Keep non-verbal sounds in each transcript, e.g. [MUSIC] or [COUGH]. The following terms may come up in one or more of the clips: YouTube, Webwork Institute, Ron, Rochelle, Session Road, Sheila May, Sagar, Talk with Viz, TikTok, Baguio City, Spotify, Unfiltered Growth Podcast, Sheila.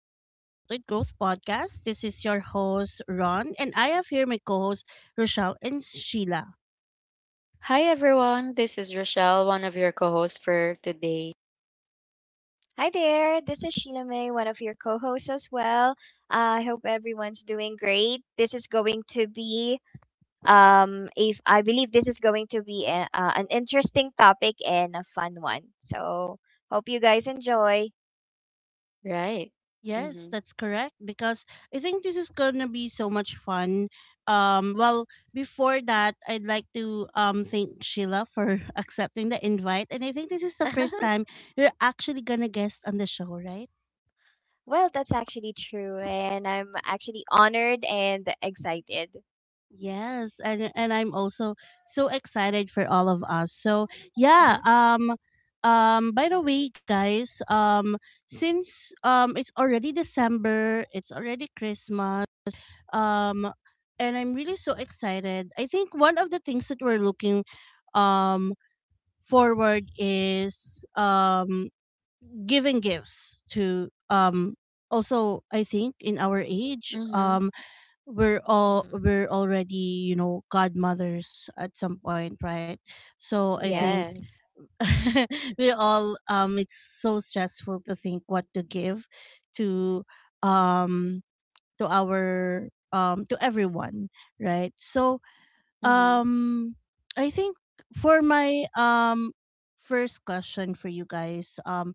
to Unfiltered Growth Podcast. This is your host, Ron, and I have here my co hosts, Rochelle and Sheila. Hi everyone, this is Rochelle, one of your co-hosts for today. Hi there, this is Sheila May, one of your co hosts as well. I hope everyone's doing great. This is going to be, if I believe this is going to be an interesting topic and a fun one. So, hope you guys enjoy. Right. Yes, Mm-hmm. that's correct because I think this is going to be so much fun. Um well, Before that, I'd like to thank Sheila for [LAUGHS] accepting the invite, and I think this is the first [LAUGHS] time you're actually going to guest on the show, right? Well, that's actually true, and I'm actually honored and excited. Yes, and I'm also so excited for all of us. So yeah, Mm-hmm, By the way, guys, since it's already December, it's already Christmas, um, and I'm really so excited. I think one of the things that we're looking, um, forward is giving gifts to. Also, I think in our age, Mm-hmm. We're all mm-hmm. we're already you know godmothers at some point, right? So I think Yes. Yes. [LAUGHS] we all, it's so stressful to think what to give to um to our to everyone, right? So Mm-hmm. um I think for my first question for you guys, um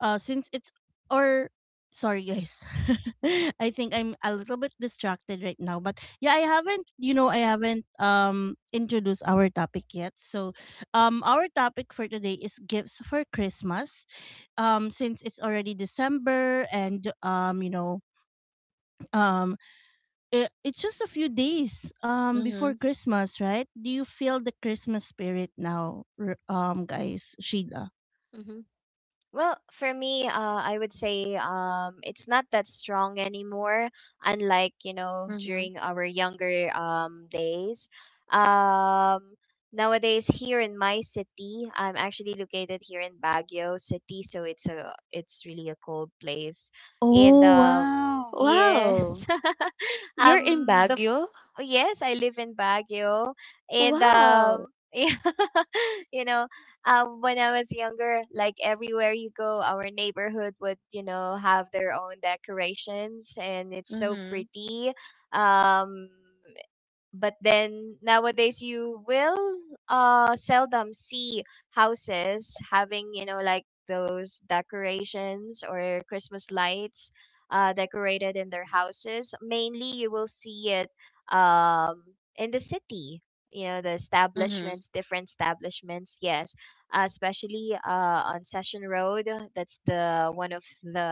uh, since it's, or sorry guys, [LAUGHS] I think I'm a little bit distracted right now. But yeah, I haven't you know I haven't introduced our topic yet. So, our topic for today is gifts for Christmas. Since it's already December and you know um it's just a few days before Mm-hmm. Christmas, right? Do you feel the Christmas spirit now, guys? Sheila. Mm-hmm. Well, for me, I would say it's not that strong anymore. Unlike Mm-hmm. during our younger days, um, nowadays here in my city, I'm actually located here in Baguio City, so it's really a cold place, and Oh wow. Wow. yes, [LAUGHS] You're in um, bef- Baguio? yes, I live in Baguio, and Wow. [LAUGHS] Yeah, you know when I was younger, like everywhere you go, our neighborhood would have their own decorations and it's so Mm-hmm. pretty. Um, but then nowadays you will seldom see houses having like those decorations or Christmas lights decorated in their houses. Mainly you will see it um in the city, the Mm-hmm. establishments, different establishments, yes. Especially on Session Road, that's the one of the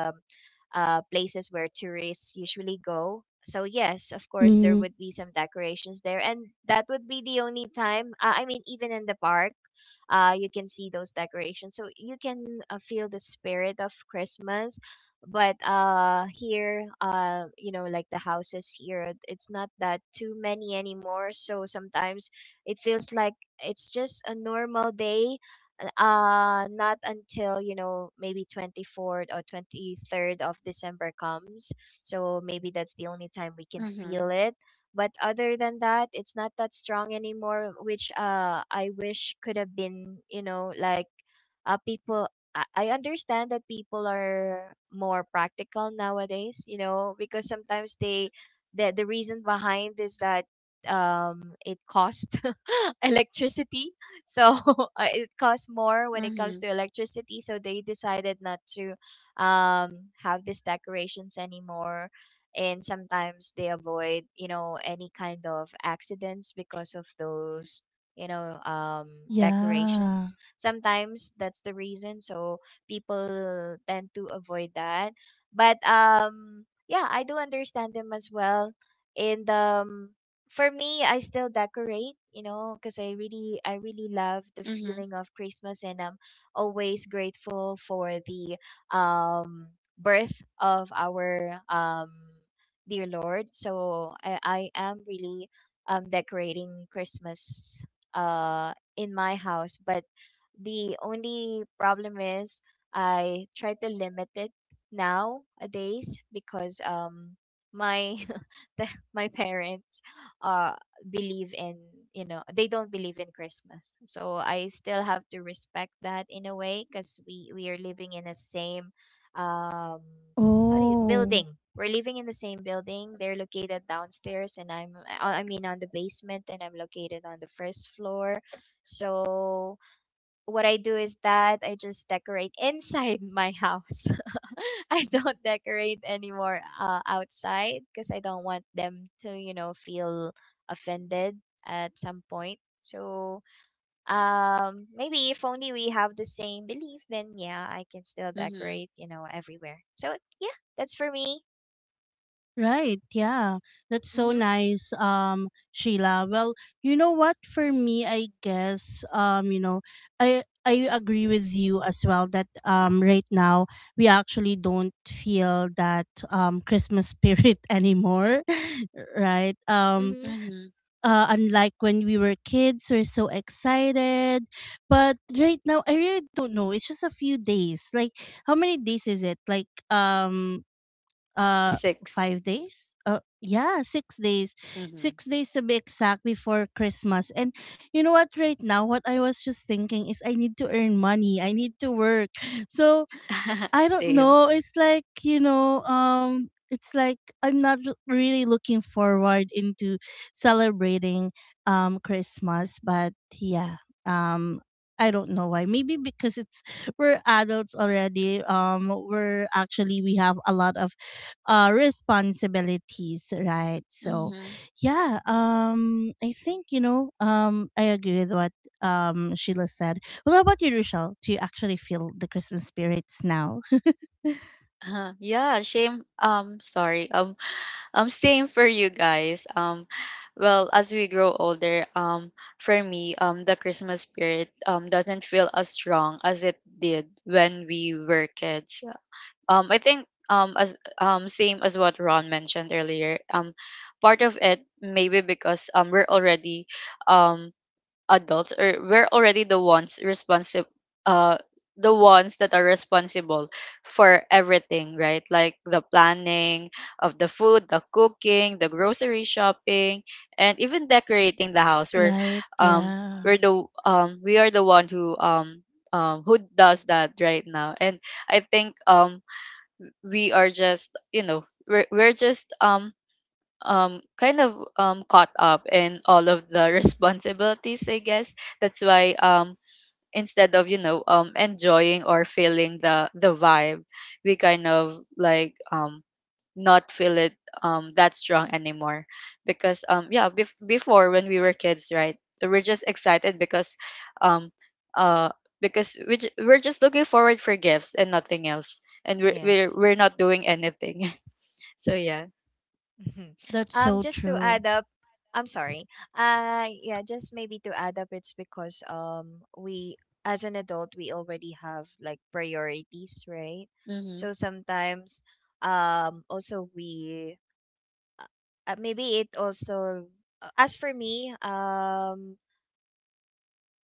places where tourists usually go. So yes, of course, there would be some decorations there, and that would be the only time. I mean, even in the park, you can see those decorations, so you can feel the spirit of Christmas. But here, like the houses here, it's not that too many anymore. So sometimes it feels like it's just a normal day, not until maybe 24th or 23rd of December comes, so maybe that's the only time we can Mm-hmm. feel it. But other than that, it's not that strong anymore, which I wish could have been like people I understand that people are more practical nowadays, because sometimes the reason behind is that it cost [LAUGHS] electricity. So [LAUGHS] it costs more when it Mm-hmm. comes to electricity, so they decided not to have these decorations anymore. And sometimes they avoid any kind of accidents because of those you know um Yeah. decorations. Sometimes that's the reason, so people tend to avoid that. But yeah, I do understand them as well. And for me, I still decorate because I really love the Mm-hmm. feeling of Christmas, and I'm always grateful for the um birth of our dear Lord. So I am really decorating Christmas in my house. But the only problem is I try to limit it nowadays because my [LAUGHS] the, my parents uh believe in— they don't believe in Christmas, so I still have to respect that in a way because we are living in the same— um how do you Oh, building, we're living in the same building. They're located downstairs, and I'm, I mean, on the basement, and I'm located on the first floor. So what I do is that I just decorate [LAUGHS] inside my house. [LAUGHS] I don't decorate anymore outside because I don't want them to feel offended at some point. So, maybe if only we have the same belief, then yeah, I can still Mm-hmm. decorate everywhere. So, yeah, that's for me. right. Yeah. That's so Mm-hmm. nice, Sheila. Well, you know what? For me, I guess, you know, I agree with you as well that right now we actually don't feel that Christmas spirit [LAUGHS] anymore, [LAUGHS] right? Mm-hmm. Mm-hmm. Unlike when we were kids, we're so excited. But right now, I really don't know. It's just a few days. Like, how many days is it? Like, um, uh, Six. 5 days? Yeah, 6 days. Mm-hmm. 6 days to be exact before Christmas. And you know what? Right now, what I was just thinking is I need to earn money. I need to work. So [LAUGHS] I don't Same. know. It's like, you know, it's like I'm not really looking forward into celebrating Christmas, but yeah. Um I don't know why. Maybe because it's we're adults already. We're actually we have a lot of responsibilities, right? So Mm-hmm. yeah, I think, you know, I agree with what Sheila said. What about you, Rochelle? Do you actually feel the Christmas spirits now? [LAUGHS] Yeah, shame. Sorry. Same for you guys. Well, as we grow older, for me, the Christmas spirit doesn't feel as strong as it did when we were kids. I think as same as what Ron mentioned earlier. Part of it maybe because we're already um adults, or we're already the ones responsible uh the ones that are responsible for everything, right? Like the planning of the food, the cooking, the grocery shopping, and even decorating the house we're Right? um Yeah, we're the um we are the one who does that right now. And I think we are just, you know, we're just kind of caught up in all of the [LAUGHS] responsibilities, I guess. That's why, instead of, you know, enjoying or feeling the vibe, we kind of like, not feel it that strong anymore. Because, before, when we were kids, right? We're just excited because, um uh we're just looking forward for gifts and nothing else, and we're we're, Yes. we're not doing anything. [LAUGHS] So yeah. Mhm. that's so Just to true. add up, I'm sorry. Yeah, just maybe to add up, it's because we as an adult we already have, like, priorities, right? Mm-hmm. So sometimes, also we, uh, maybe it also, as for me,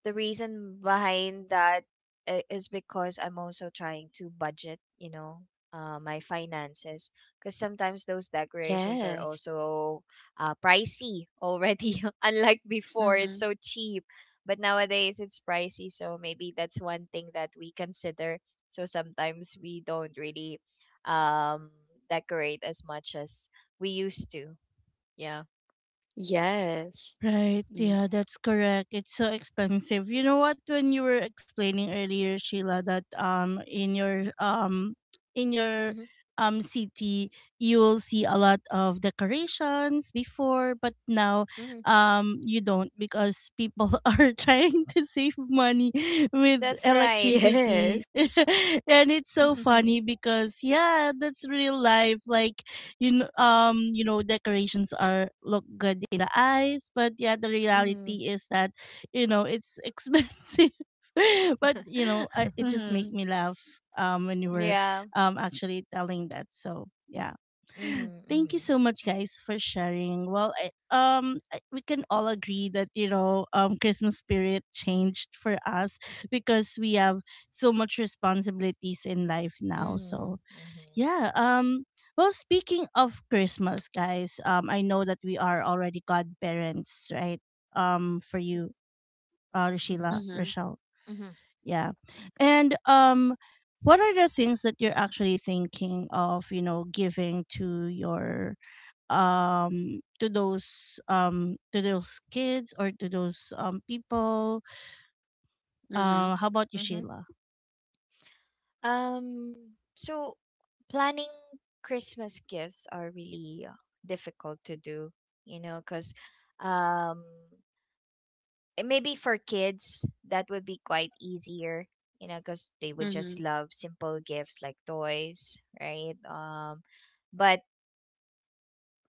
the reason behind that is because I'm also trying to budget, my finances. Because sometimes those decorations are Yes. also pricey already, [LAUGHS] unlike before, it's Mm-hmm. so cheap. But nowadays it's pricey, so maybe that's one thing that we consider. So sometimes we don't really um, decorate as much as we used to. Yeah. Yes. Right. Mhm. Yeah, that's correct. It's so expensive. You know what? When you were explaining earlier, Sheila, that in your in your Mm-hmm. City you will see a lot of decorations before, but now Mm-hmm. You don't, because people [LAUGHS] are trying to save money [LAUGHS] with That's [LAUGHS] right. electricity, Yes. [LAUGHS] and it's so funny [LAUGHS] because yeah, that's real life. Like you know, decorations are look good in the eyes, but yeah, the Mm-hmm. reality is that you know it's expensive. [LAUGHS] But you know, I, [LAUGHS] it just Mm-hmm. made me laugh when you were Yeah. Actually telling that. So yeah. Mhm. Thank you Mhm. so much, guys, for sharing. Well, we can all agree that you know, Christmas spirit changed for us because we have so much responsibilities in life now. Mhm. So Mhm. yeah. Well, speaking of Christmas, guys, I know that we are already godparents, right? For you, Mhm. Sheila, Mm-hmm. Rochelle. Mhm. Yeah. And what are the things that you're actually thinking of, you know, giving to your to those kids or to those people? Mm-hmm. How about you, Mhm. Sheila? Um so planning Christmas gifts are really difficult to do, you know, cuz um maybe for kids that would be quite easier, you know, cuz they would Mm-hmm. just love simple gifts like toys, right? But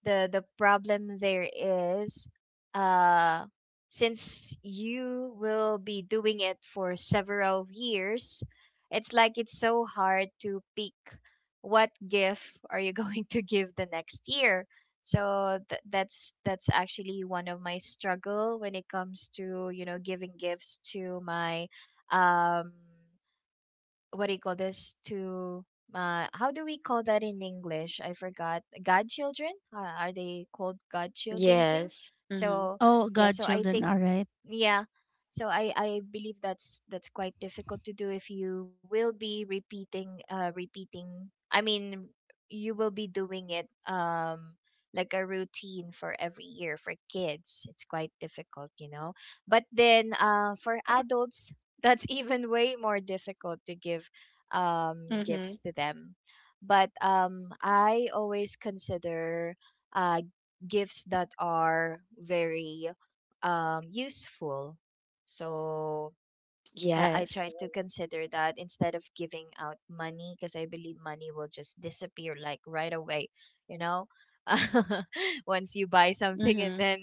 the problem there is— uh since you will be doing it for several years, it's like it's so hard to pick what gift are you [LAUGHS] going to give the next year. So, that's actually one of my struggle when it comes to, you know, giving gifts to my— um what do you call this? To how do we call that in English? I forgot. Godchildren? Are they called godchildren too? Yes. Mm-hmm. So Oh, yeah, so I godchildren. think, All right. yeah. So I believe that's quite difficult to do if you will be repeating I mean, you will be doing it like a routine for every year for kids. It's quite difficult. But then for adults, [LAUGHS] that's even way more difficult to give Mm-hmm. gifts to them. But I always consider gifts that are very useful. So I try Yes. to consider that instead of giving out money because I believe money will just disappear, like, right away, you know? [LAUGHS] Once you buy something and Mm-hmm. then—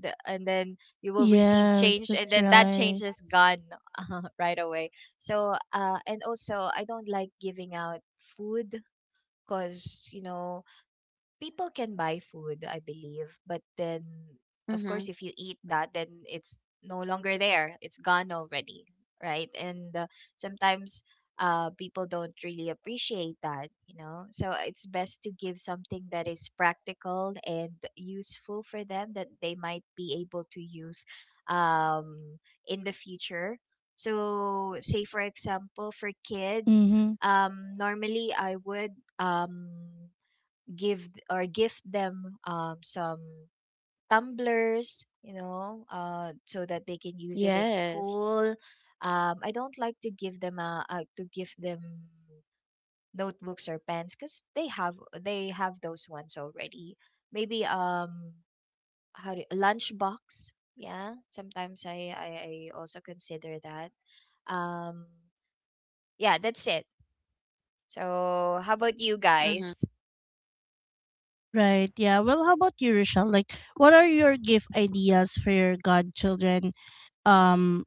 and then you will receive Yes, change, and that's then that change right. is gone [LAUGHS] right away. So and also I don't like giving out food because people can buy food, I believe, but then of course Mm-hmm. if you eat that, then it's no longer there. It's gone already, right? And sometimes people don't really appreciate that. So it's best to give something that is practical and useful for them that they might be able to use um in the future. So, say for example, for kids, Mm-hmm. Normally I would give or gift them some tumblers, so that they can use it in Yes. school. I don't like to give them to give them notebooks or pens because they have those ones already. Maybe how do lunch, yeah, sometimes I also consider that. um yeah, that's it. So how about you Mm-hmm. guys? Right. Yeah. Well, how about you, Rochelle? Like, what are your gift ideas for your godchildren um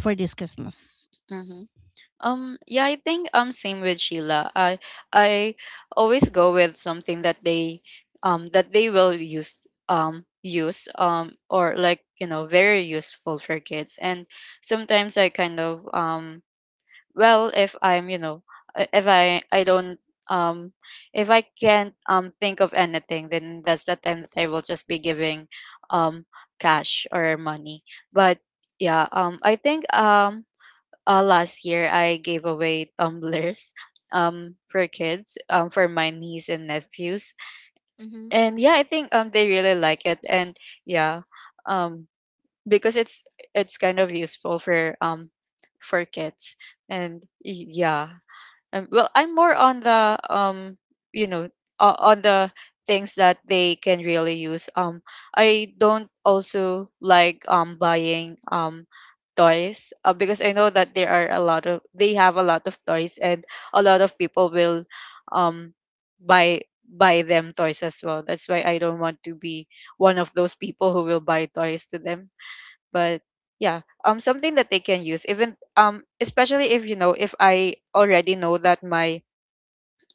for this Christmas? Mm-hmm. Yeah, I think same with Sheila. I always go with something that they will use use or like, you know, very useful for kids. And sometimes I kind of, if I'm you know if I I don't um if I can't think of anything, then that's the time that I will just be giving um cash or money. But yeah, I think last year I gave away tumblers [LAUGHS] for kids, for my niece and nephews. Mm-hmm. And yeah, I think they really like it. And yeah, um because it's kind of useful for, for kids. And yeah, well, I'm more on the, you know, on the things that they can really use. I don't also like buying toys, because I know that there are a lot of, they have a lot of toys, and a lot of people will um buy buy them toys as well. That's why I don't want to be one of those people who will buy toys to them. But yeah, something that they can use. Even, especially if, you know, if I already know that my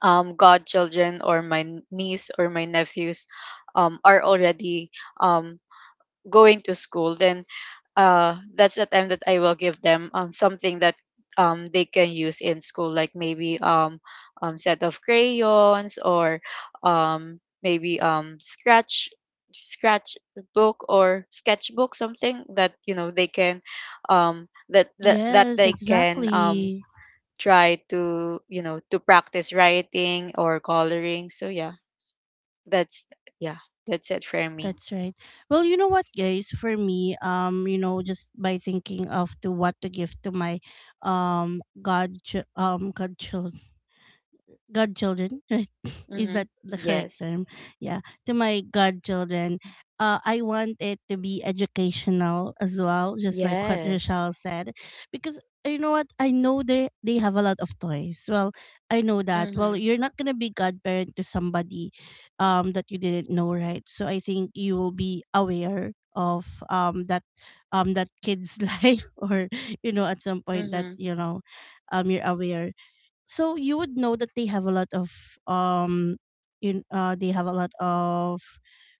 godchildren or my niece or my nephews are already um going to school, then that's the time that I will give them something that they can use in school, like maybe, set of crayons, or maybe scratch book or sketchbook, something that, you know, they can, that Yes, they can exactly. try, to you know, to practice writing or coloring. So yeah, that's, yeah, that's it for me. That's right. Well, you know what, guys? For me, you know, just by thinking of to what to give to my um god godchildren, godchildren, right? [LAUGHS] Is Mm-hmm. that the correct Yes. term? Yeah, to my godchildren. I want it to be educational as well, just like what Yes. Rochelle said, because you know what? I know they have a lot of toys. Well, I know that. Well, Mhm. you're not gonna be godparent to somebody, that you didn't know, right? So I think you will be aware of that that kid's [LAUGHS] life, or you know, at some point that Mhm. you know you're aware, so you would know that they have a lot of um in they have a lot of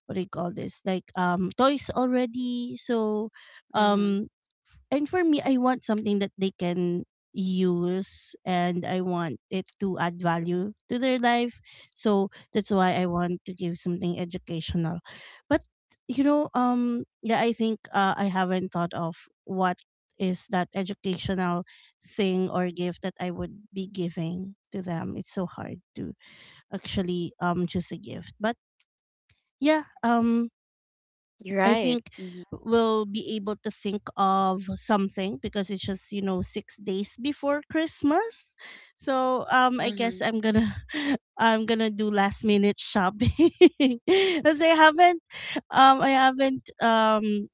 what do you call this, like toys already. So Mhm. um and for me I want something that they can use, and I want it to add value to their life. So that's why I want to give something educational. But you know, yeah, I think I haven't thought of what is that educational thing or gift that I would be giving to them. It's so hard to actually choose a gift. But yeah, I You're think right. Mhm. we'll be able to think of something because it's just, you know, 6 days before Christmas. So, I guess Mhm. I'm going to [LAUGHS] I'm going to do last minute shopping. [LAUGHS] Cuz I haven't um I haven't um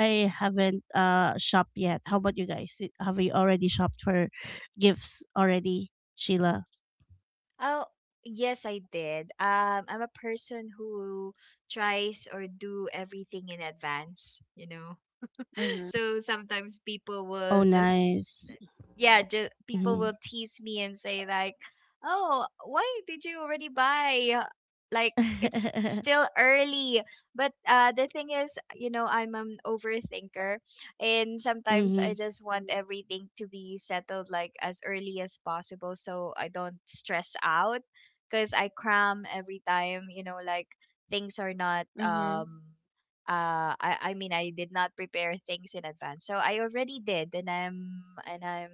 shopped yet. How about you guys? Have you already shopped for gifts already, Sheila? Oh, yes, I did. I'm a person who tries or do everything in advance, you know. [LAUGHS] Mhm. So sometimes people will Oh, just nice. yeah, just, people Mhm. will tease me and say like, "Oh, why did you already buy? Like, it's still early." But the thing is I'm an overthinker, and Mhm. sometimes I Mhm. just want everything to be settled like as early as possible, so I don't stress out. Because I cram every time like, things are not Mhm. I mean, I did not prepare things in advance. So I already did, and I'm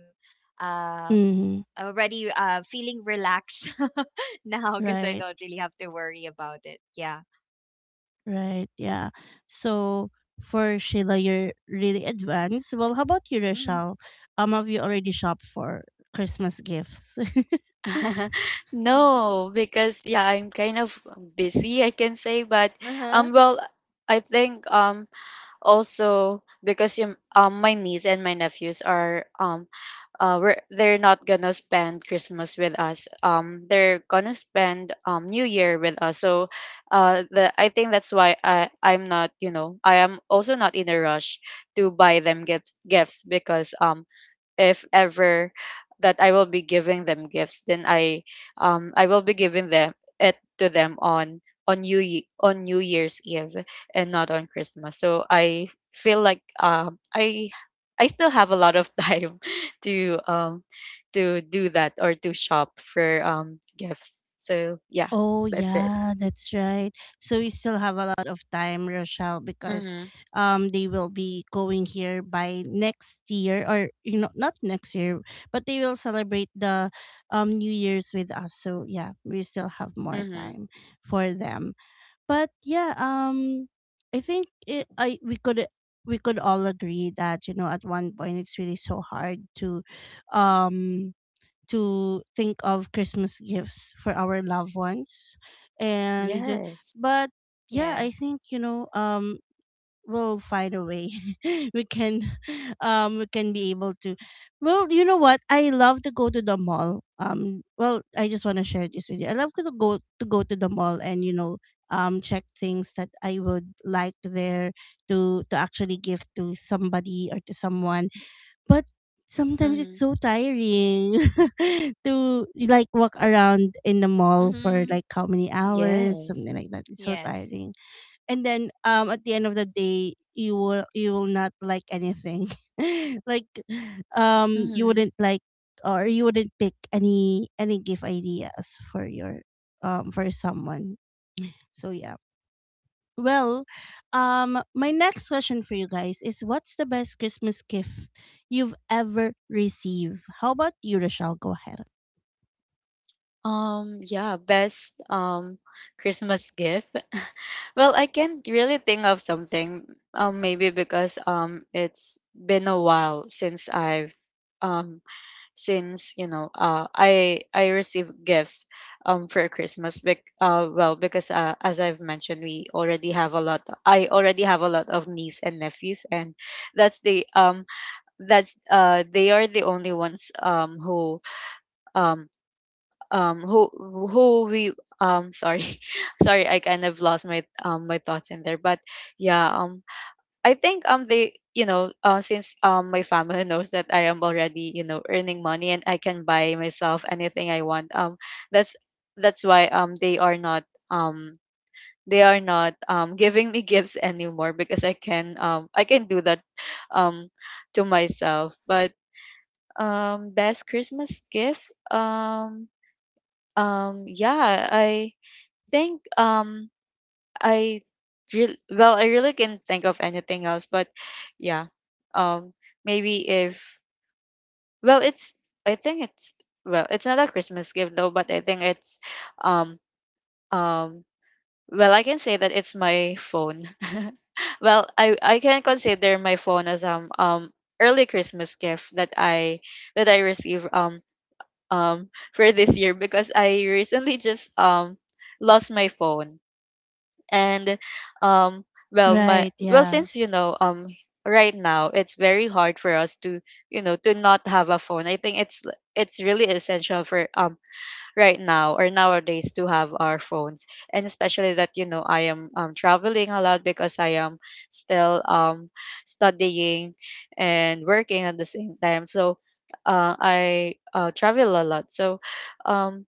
uh [LAUGHS] already feeling relaxed [LAUGHS] now because I Right. don't really have to worry about it. Yeah. Right. Yeah. So for Sheila, you're really advanced. Well, how about you, Rochelle? Have you already shopped for Christmas gifts? [LAUGHS] [LAUGHS] No, Mm-hmm. because yeah, I'm kind of busy, I can say. But [LAUGHS] Uh huh. um well, I think, also because my niece and my nephews are, we're, they're not gonna spend Christmas with us. They're gonna spend, New Year with us. So, the I think that's why I'm not, you know, I am also not in a rush to buy them gifts. Because, if ever that I will be giving them gifts, then I will be giving them it to them on New on New Year's Eve and not on Christmas. So I feel like, I still have a lot of [LAUGHS] time to, to do that or to shop for, gifts. So yeah, Oh that's it. yeah, that's right. So we still have a lot of time, Rochelle, because Mhm. They will be going here by next year, or you know, not next year, but they will celebrate the New Year's with us. So yeah, we still have more Mhm. time for them. But yeah, I think it, I we could all agree that you know at one point it's really so hard um to think of Christmas gifts for our loved ones. And Yes. but yeah, Yeah. I think you know we'll find a way. [LAUGHS] We can [LAUGHS] we can be able to, well, you know what? I love to go to the mall. Um, well, I just want to share this with you. I love to go to the mall and you know check things that I would like there to actually give to somebody or to someone. But sometimes it's Mhm. so tiring [LAUGHS] to like walk around in the mall for Mm-hmm. like how many hours, Yes. something like that. It's so Yes. tiring. And then at the end of the day you will not like anything. [LAUGHS] Like you Mhm. wouldn't like or you wouldn't pick any gift ideas for your for someone. So yeah. Well, my next question for you guys is, what's the best Christmas gift you've ever received? How about you, Rochelle? Go ahead. Yeah, best Christmas gift. [LAUGHS] Well, I can't really think of something. Maybe because it's been a while since I've, um since, you know, I received gifts for Christmas. Bec Well, because, as I've mentioned, we already have a lot. I already have a lot of niece and nephews, and that's the that's they are the only ones um um who who we, sorry, [LAUGHS] sorry, I kind of lost my my thoughts in there. But yeah, I think they, you know, since my family [LAUGHS] knows that I am already, you know, earning money and I can buy myself anything I want, that's that's why they are not um they are not giving me [LAUGHS] gifts anymore, because I can, I can do that um to myself. But, best Christmas gift, yeah, I think, I real well, I really can't think of anything else, but yeah. Um maybe if well it's I think it's not a Christmas gift, though, but I think it's, um um well, I can say that it's my phone. [LAUGHS] Well, I can consider my phone as, early Christmas gift that I receive, for this year, because I recently just lost my phone. And um well my Right, well yeah. since, you know, right now it's very hard for us to, you know, to not have a phone. I think it's it's really essential for, right now or nowadays, to have our phones. And especially that, you know, I am traveling a lot, because I am still studying and working at the same time. So I travel a lot. So um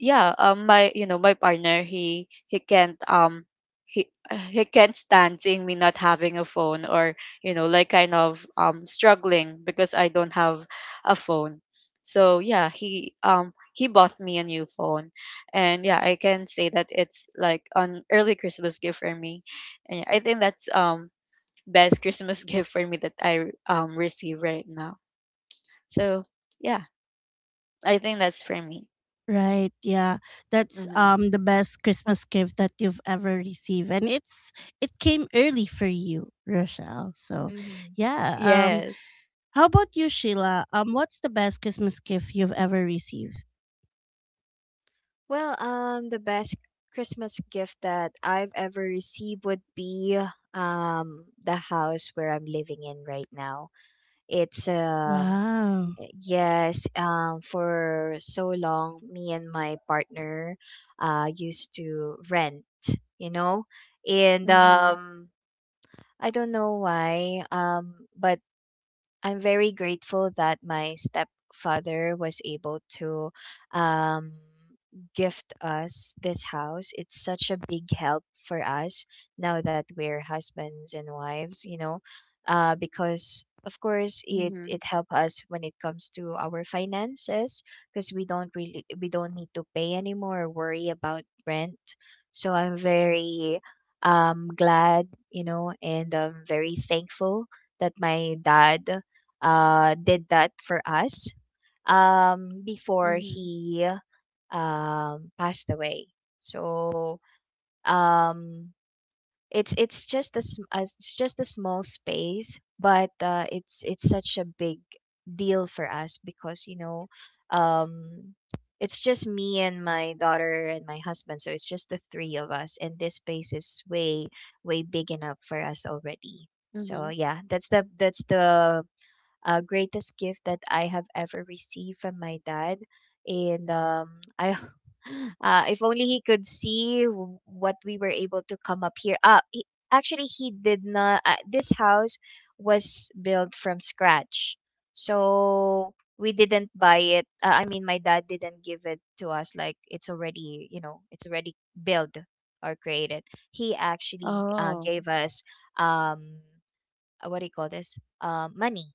yeah, my, you know, my partner, he can't he [SIGHS] he can't stand seeing me not having a phone, or, you know, like kind of, struggling because I don't have a phone. So yeah, he bought me a new phone. And yeah, I can say that it's like an early Christmas gift for me. And I think that's, best Christmas [LAUGHS] gift for me that I receive right now. So yeah, I think that's for me. Right, yeah. That's Hmm. The best Christmas gift that you've ever received. And it's it came early for you, Rochelle. So Mm-hmm. yeah. Yes. How about you, Sheila? Um, what's the best Christmas gift you've ever received? Well, the best Christmas gift that I've ever received would be the house where I'm living in right now. It's Wow. Yes, for so long me and my partner used to rent, you know, and Hmm. I don't know why but I'm very grateful that my stepfather was able to um, gift us this house. It's such a big help for us now that we're husbands and wives, because of course it Mhm. it help us when it comes to our finances because we don't need to pay anymore or worry about rent. So I'm very glad, and I'm very thankful that my dad did that for us before Mhm. he passed away. So um, it's just a small space, but it's such a big deal for us because um, it's just me and my daughter and my husband, so it's just the three of us, and this space is way way big enough for us already. So Mhm. yeah, that's the greatest gift that I have ever received from my dad. And I, [LAUGHS] if only he could see what we were able to come up here. Actually, he did not. This house was built from scratch, so we didn't buy it. I mean, my dad didn't give it to us. Like, it's already built or created. He actually Oh. gave us um, what do you call this? Money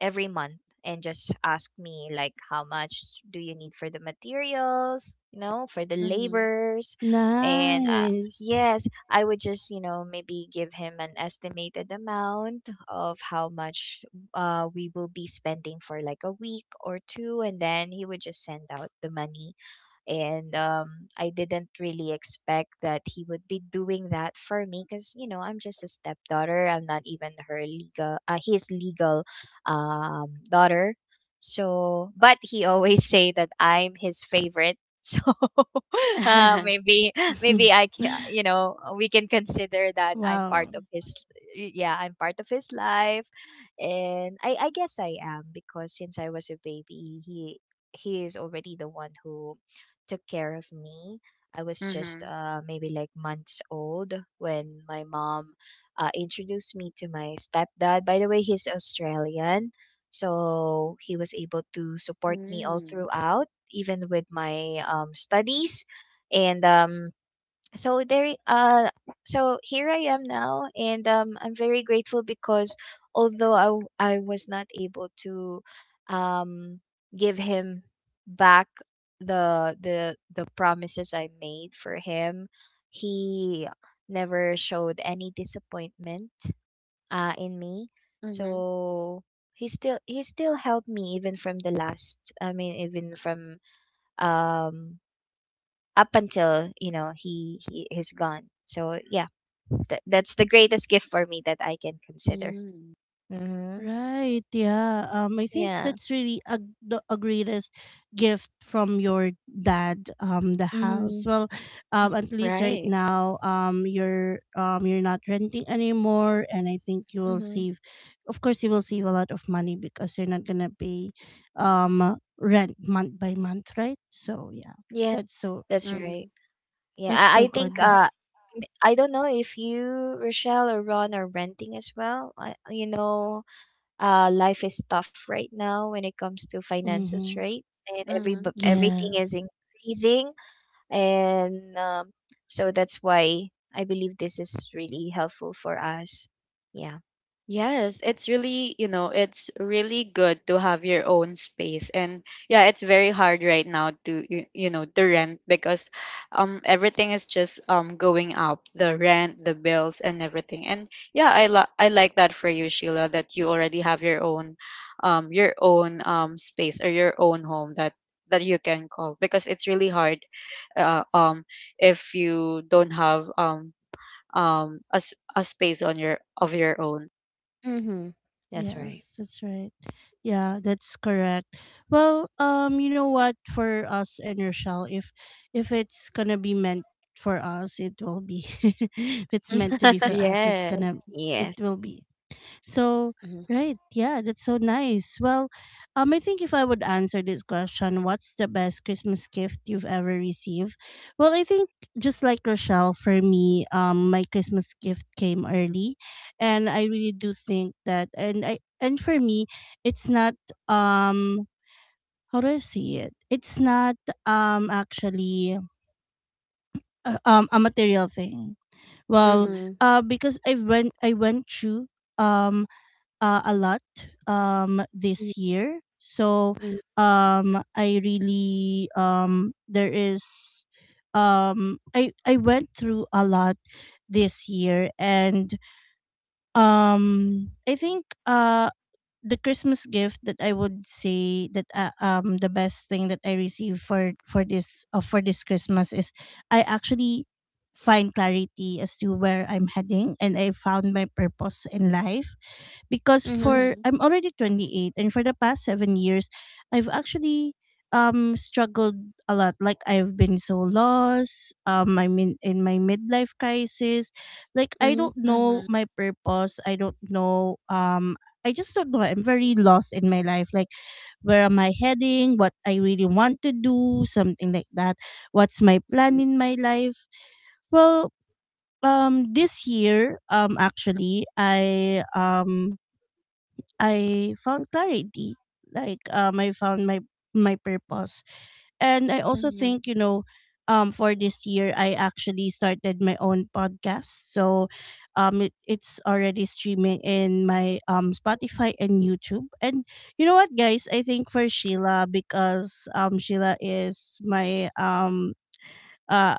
every month, and just ask me like how much do you need for the materials, for the Mhm. labors. And Nice. yes, I would just maybe give him an estimated amount of how much we will be spending for like a week or two, and then he would just send out the money. And I didn't really expect that he would be doing that for me because I'm just a stepdaughter. I'm not even her legal, his legal daughter. So, but he always say that I'm his favorite. [LAUGHS] So uh, [LAUGHS] maybe maybe I [LAUGHS] can you know we can consider that I'm part Wow. of his— yeah, I'm part of his life, and I guess I am because since I was a baby, he is already the one who took care of me. I was just Mhm. Maybe like months old when my mom introduced me to my stepdad. By the way, he's Australian, so he was able to support me all Mm. throughout, even with my studies. And so there uh so here I am now, and I'm very grateful because although I was not able to um give him back the promises I made for him, he never showed any disappointment in me. Mhm. So he still helped me even from the last— I mean, even from um up until, he is gone. So yeah, that's the greatest gift for me that I can consider. Mm. Mm-hmm. Right. Yeah. I think Yeah. that's really a, the a greatest gift from your dad. The Mm-hmm. house. Well, Mm-hmm. at [LAUGHS] least right Right. now, you're you're not renting anymore, and I think you will Hmm. save. Of course, you will save a lot of money because you're not gonna pay, rent month by month, right? So yeah, Yeah, that's so that's right. Mhm. Yeah, that's I, so I good. think I don't know if you, Rochelle or Ron, are renting as well. Life is tough right now when it comes to finances, Mm-hmm. right? And every Mhm. Everything is Yes. increasing. And so that's why I believe this is really helpful for us. Yeah. Yes, it's really, you know, it's really good to have your own space. And yeah, it's very hard right now to, you know, to rent, because everything is just going up, the rent, the bills, and everything. And yeah, I like that for you, Sheila, that you already have your own, your own space, or your own home, that that you can call, because it's really hard, uh, um if you don't have, a, a space on your of your own. Mm-hmm. That's right. Yes, that's right. Yeah, that's correct. Well, you know what? For us and Rochelle, if it's gonna be meant for us, it will be. [LAUGHS] If it's meant to be for [LAUGHS] us, Yes. It Yes. will be. So, Mm-hmm. right, yeah, that's so nice. Well, I think if I would answer this question, what's the best Christmas gift you've ever received? Well, I think just like Rochelle, for me, my Christmas gift came early, and I really do think that, and for me, it's not um, how do I say it? It's not actually a material thing. Well, Mhm. Mm-hmm. Because I went through um a lot this year. So Mm-hmm. I really there is I went through a lot this year. And um I think the Christmas gift that I would say that the best thing that I received for this Christmas is I actually find clarity as to where I'm heading, and I found my purpose in life because Mm-hmm. for Mhm. I'm already 28, and for the past 7 years I've actually struggled a lot. Like I've been so lost, I mean in my midlife crisis, like I don't know Mhm. my purpose, I don't know I just don't know. I'm very lost in my life. Like, where am I heading? What I really want to do? Something like that. What's my plan in my life? Well, this year, actually, I found clarity. Like, I found my purpose. And I also Mhm. think, you know, for this year, I actually started my own podcast. So it's already streaming in my Spotify and YouTube. And you know what, guys? I think for Sheila, because Sheila is my uh,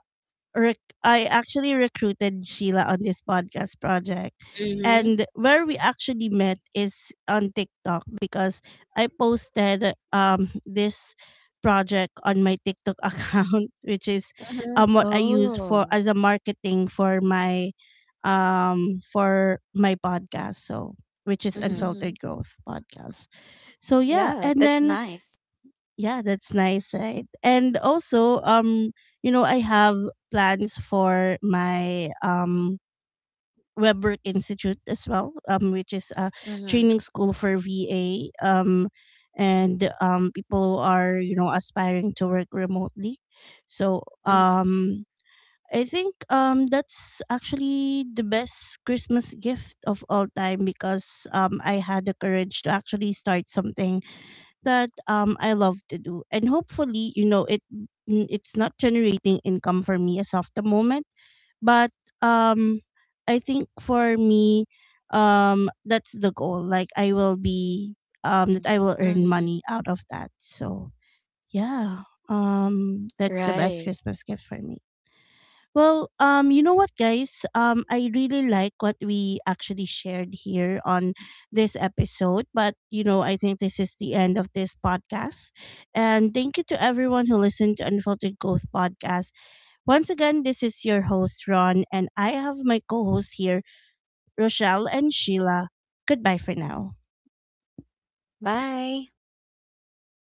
I actually recruited Sheila on this podcast project. Mm-hmm. And where we actually met is on TikTok, because I posted this project on my TikTok [LAUGHS] account, which is Mhm. What I use for Oh. as a marketing for my podcast, so which is Mm-hmm. Mhm. Unfiltered Growth podcast. So yeah, Yeah, and that's then nice. yeah, that's nice, right? And also, you know, I have plans for my Webwork Institute as well, which is a Mhm. training school for VA, and people who are you know aspiring to work remotely. So, Mm-hmm. I think that's actually the best Christmas gift of all time, because I had the courage to actually start something that I love to do, and hopefully, you know, it's not generating income for me as of the moment, but um I think for me, that's the goal. Like I will be that I will earn Mhm. money out of that. So yeah, that's the best Right. Christmas gift for me. Well, you know what, guys? I really like what we actually shared here on this episode, but you know, I think this is the end of this podcast. And thank you to everyone who listened to Unfiltered Growth Podcast. Once again, this is your host, Ron, and I have my co hosts here, Rochelle and Sheila. Goodbye for now. Bye.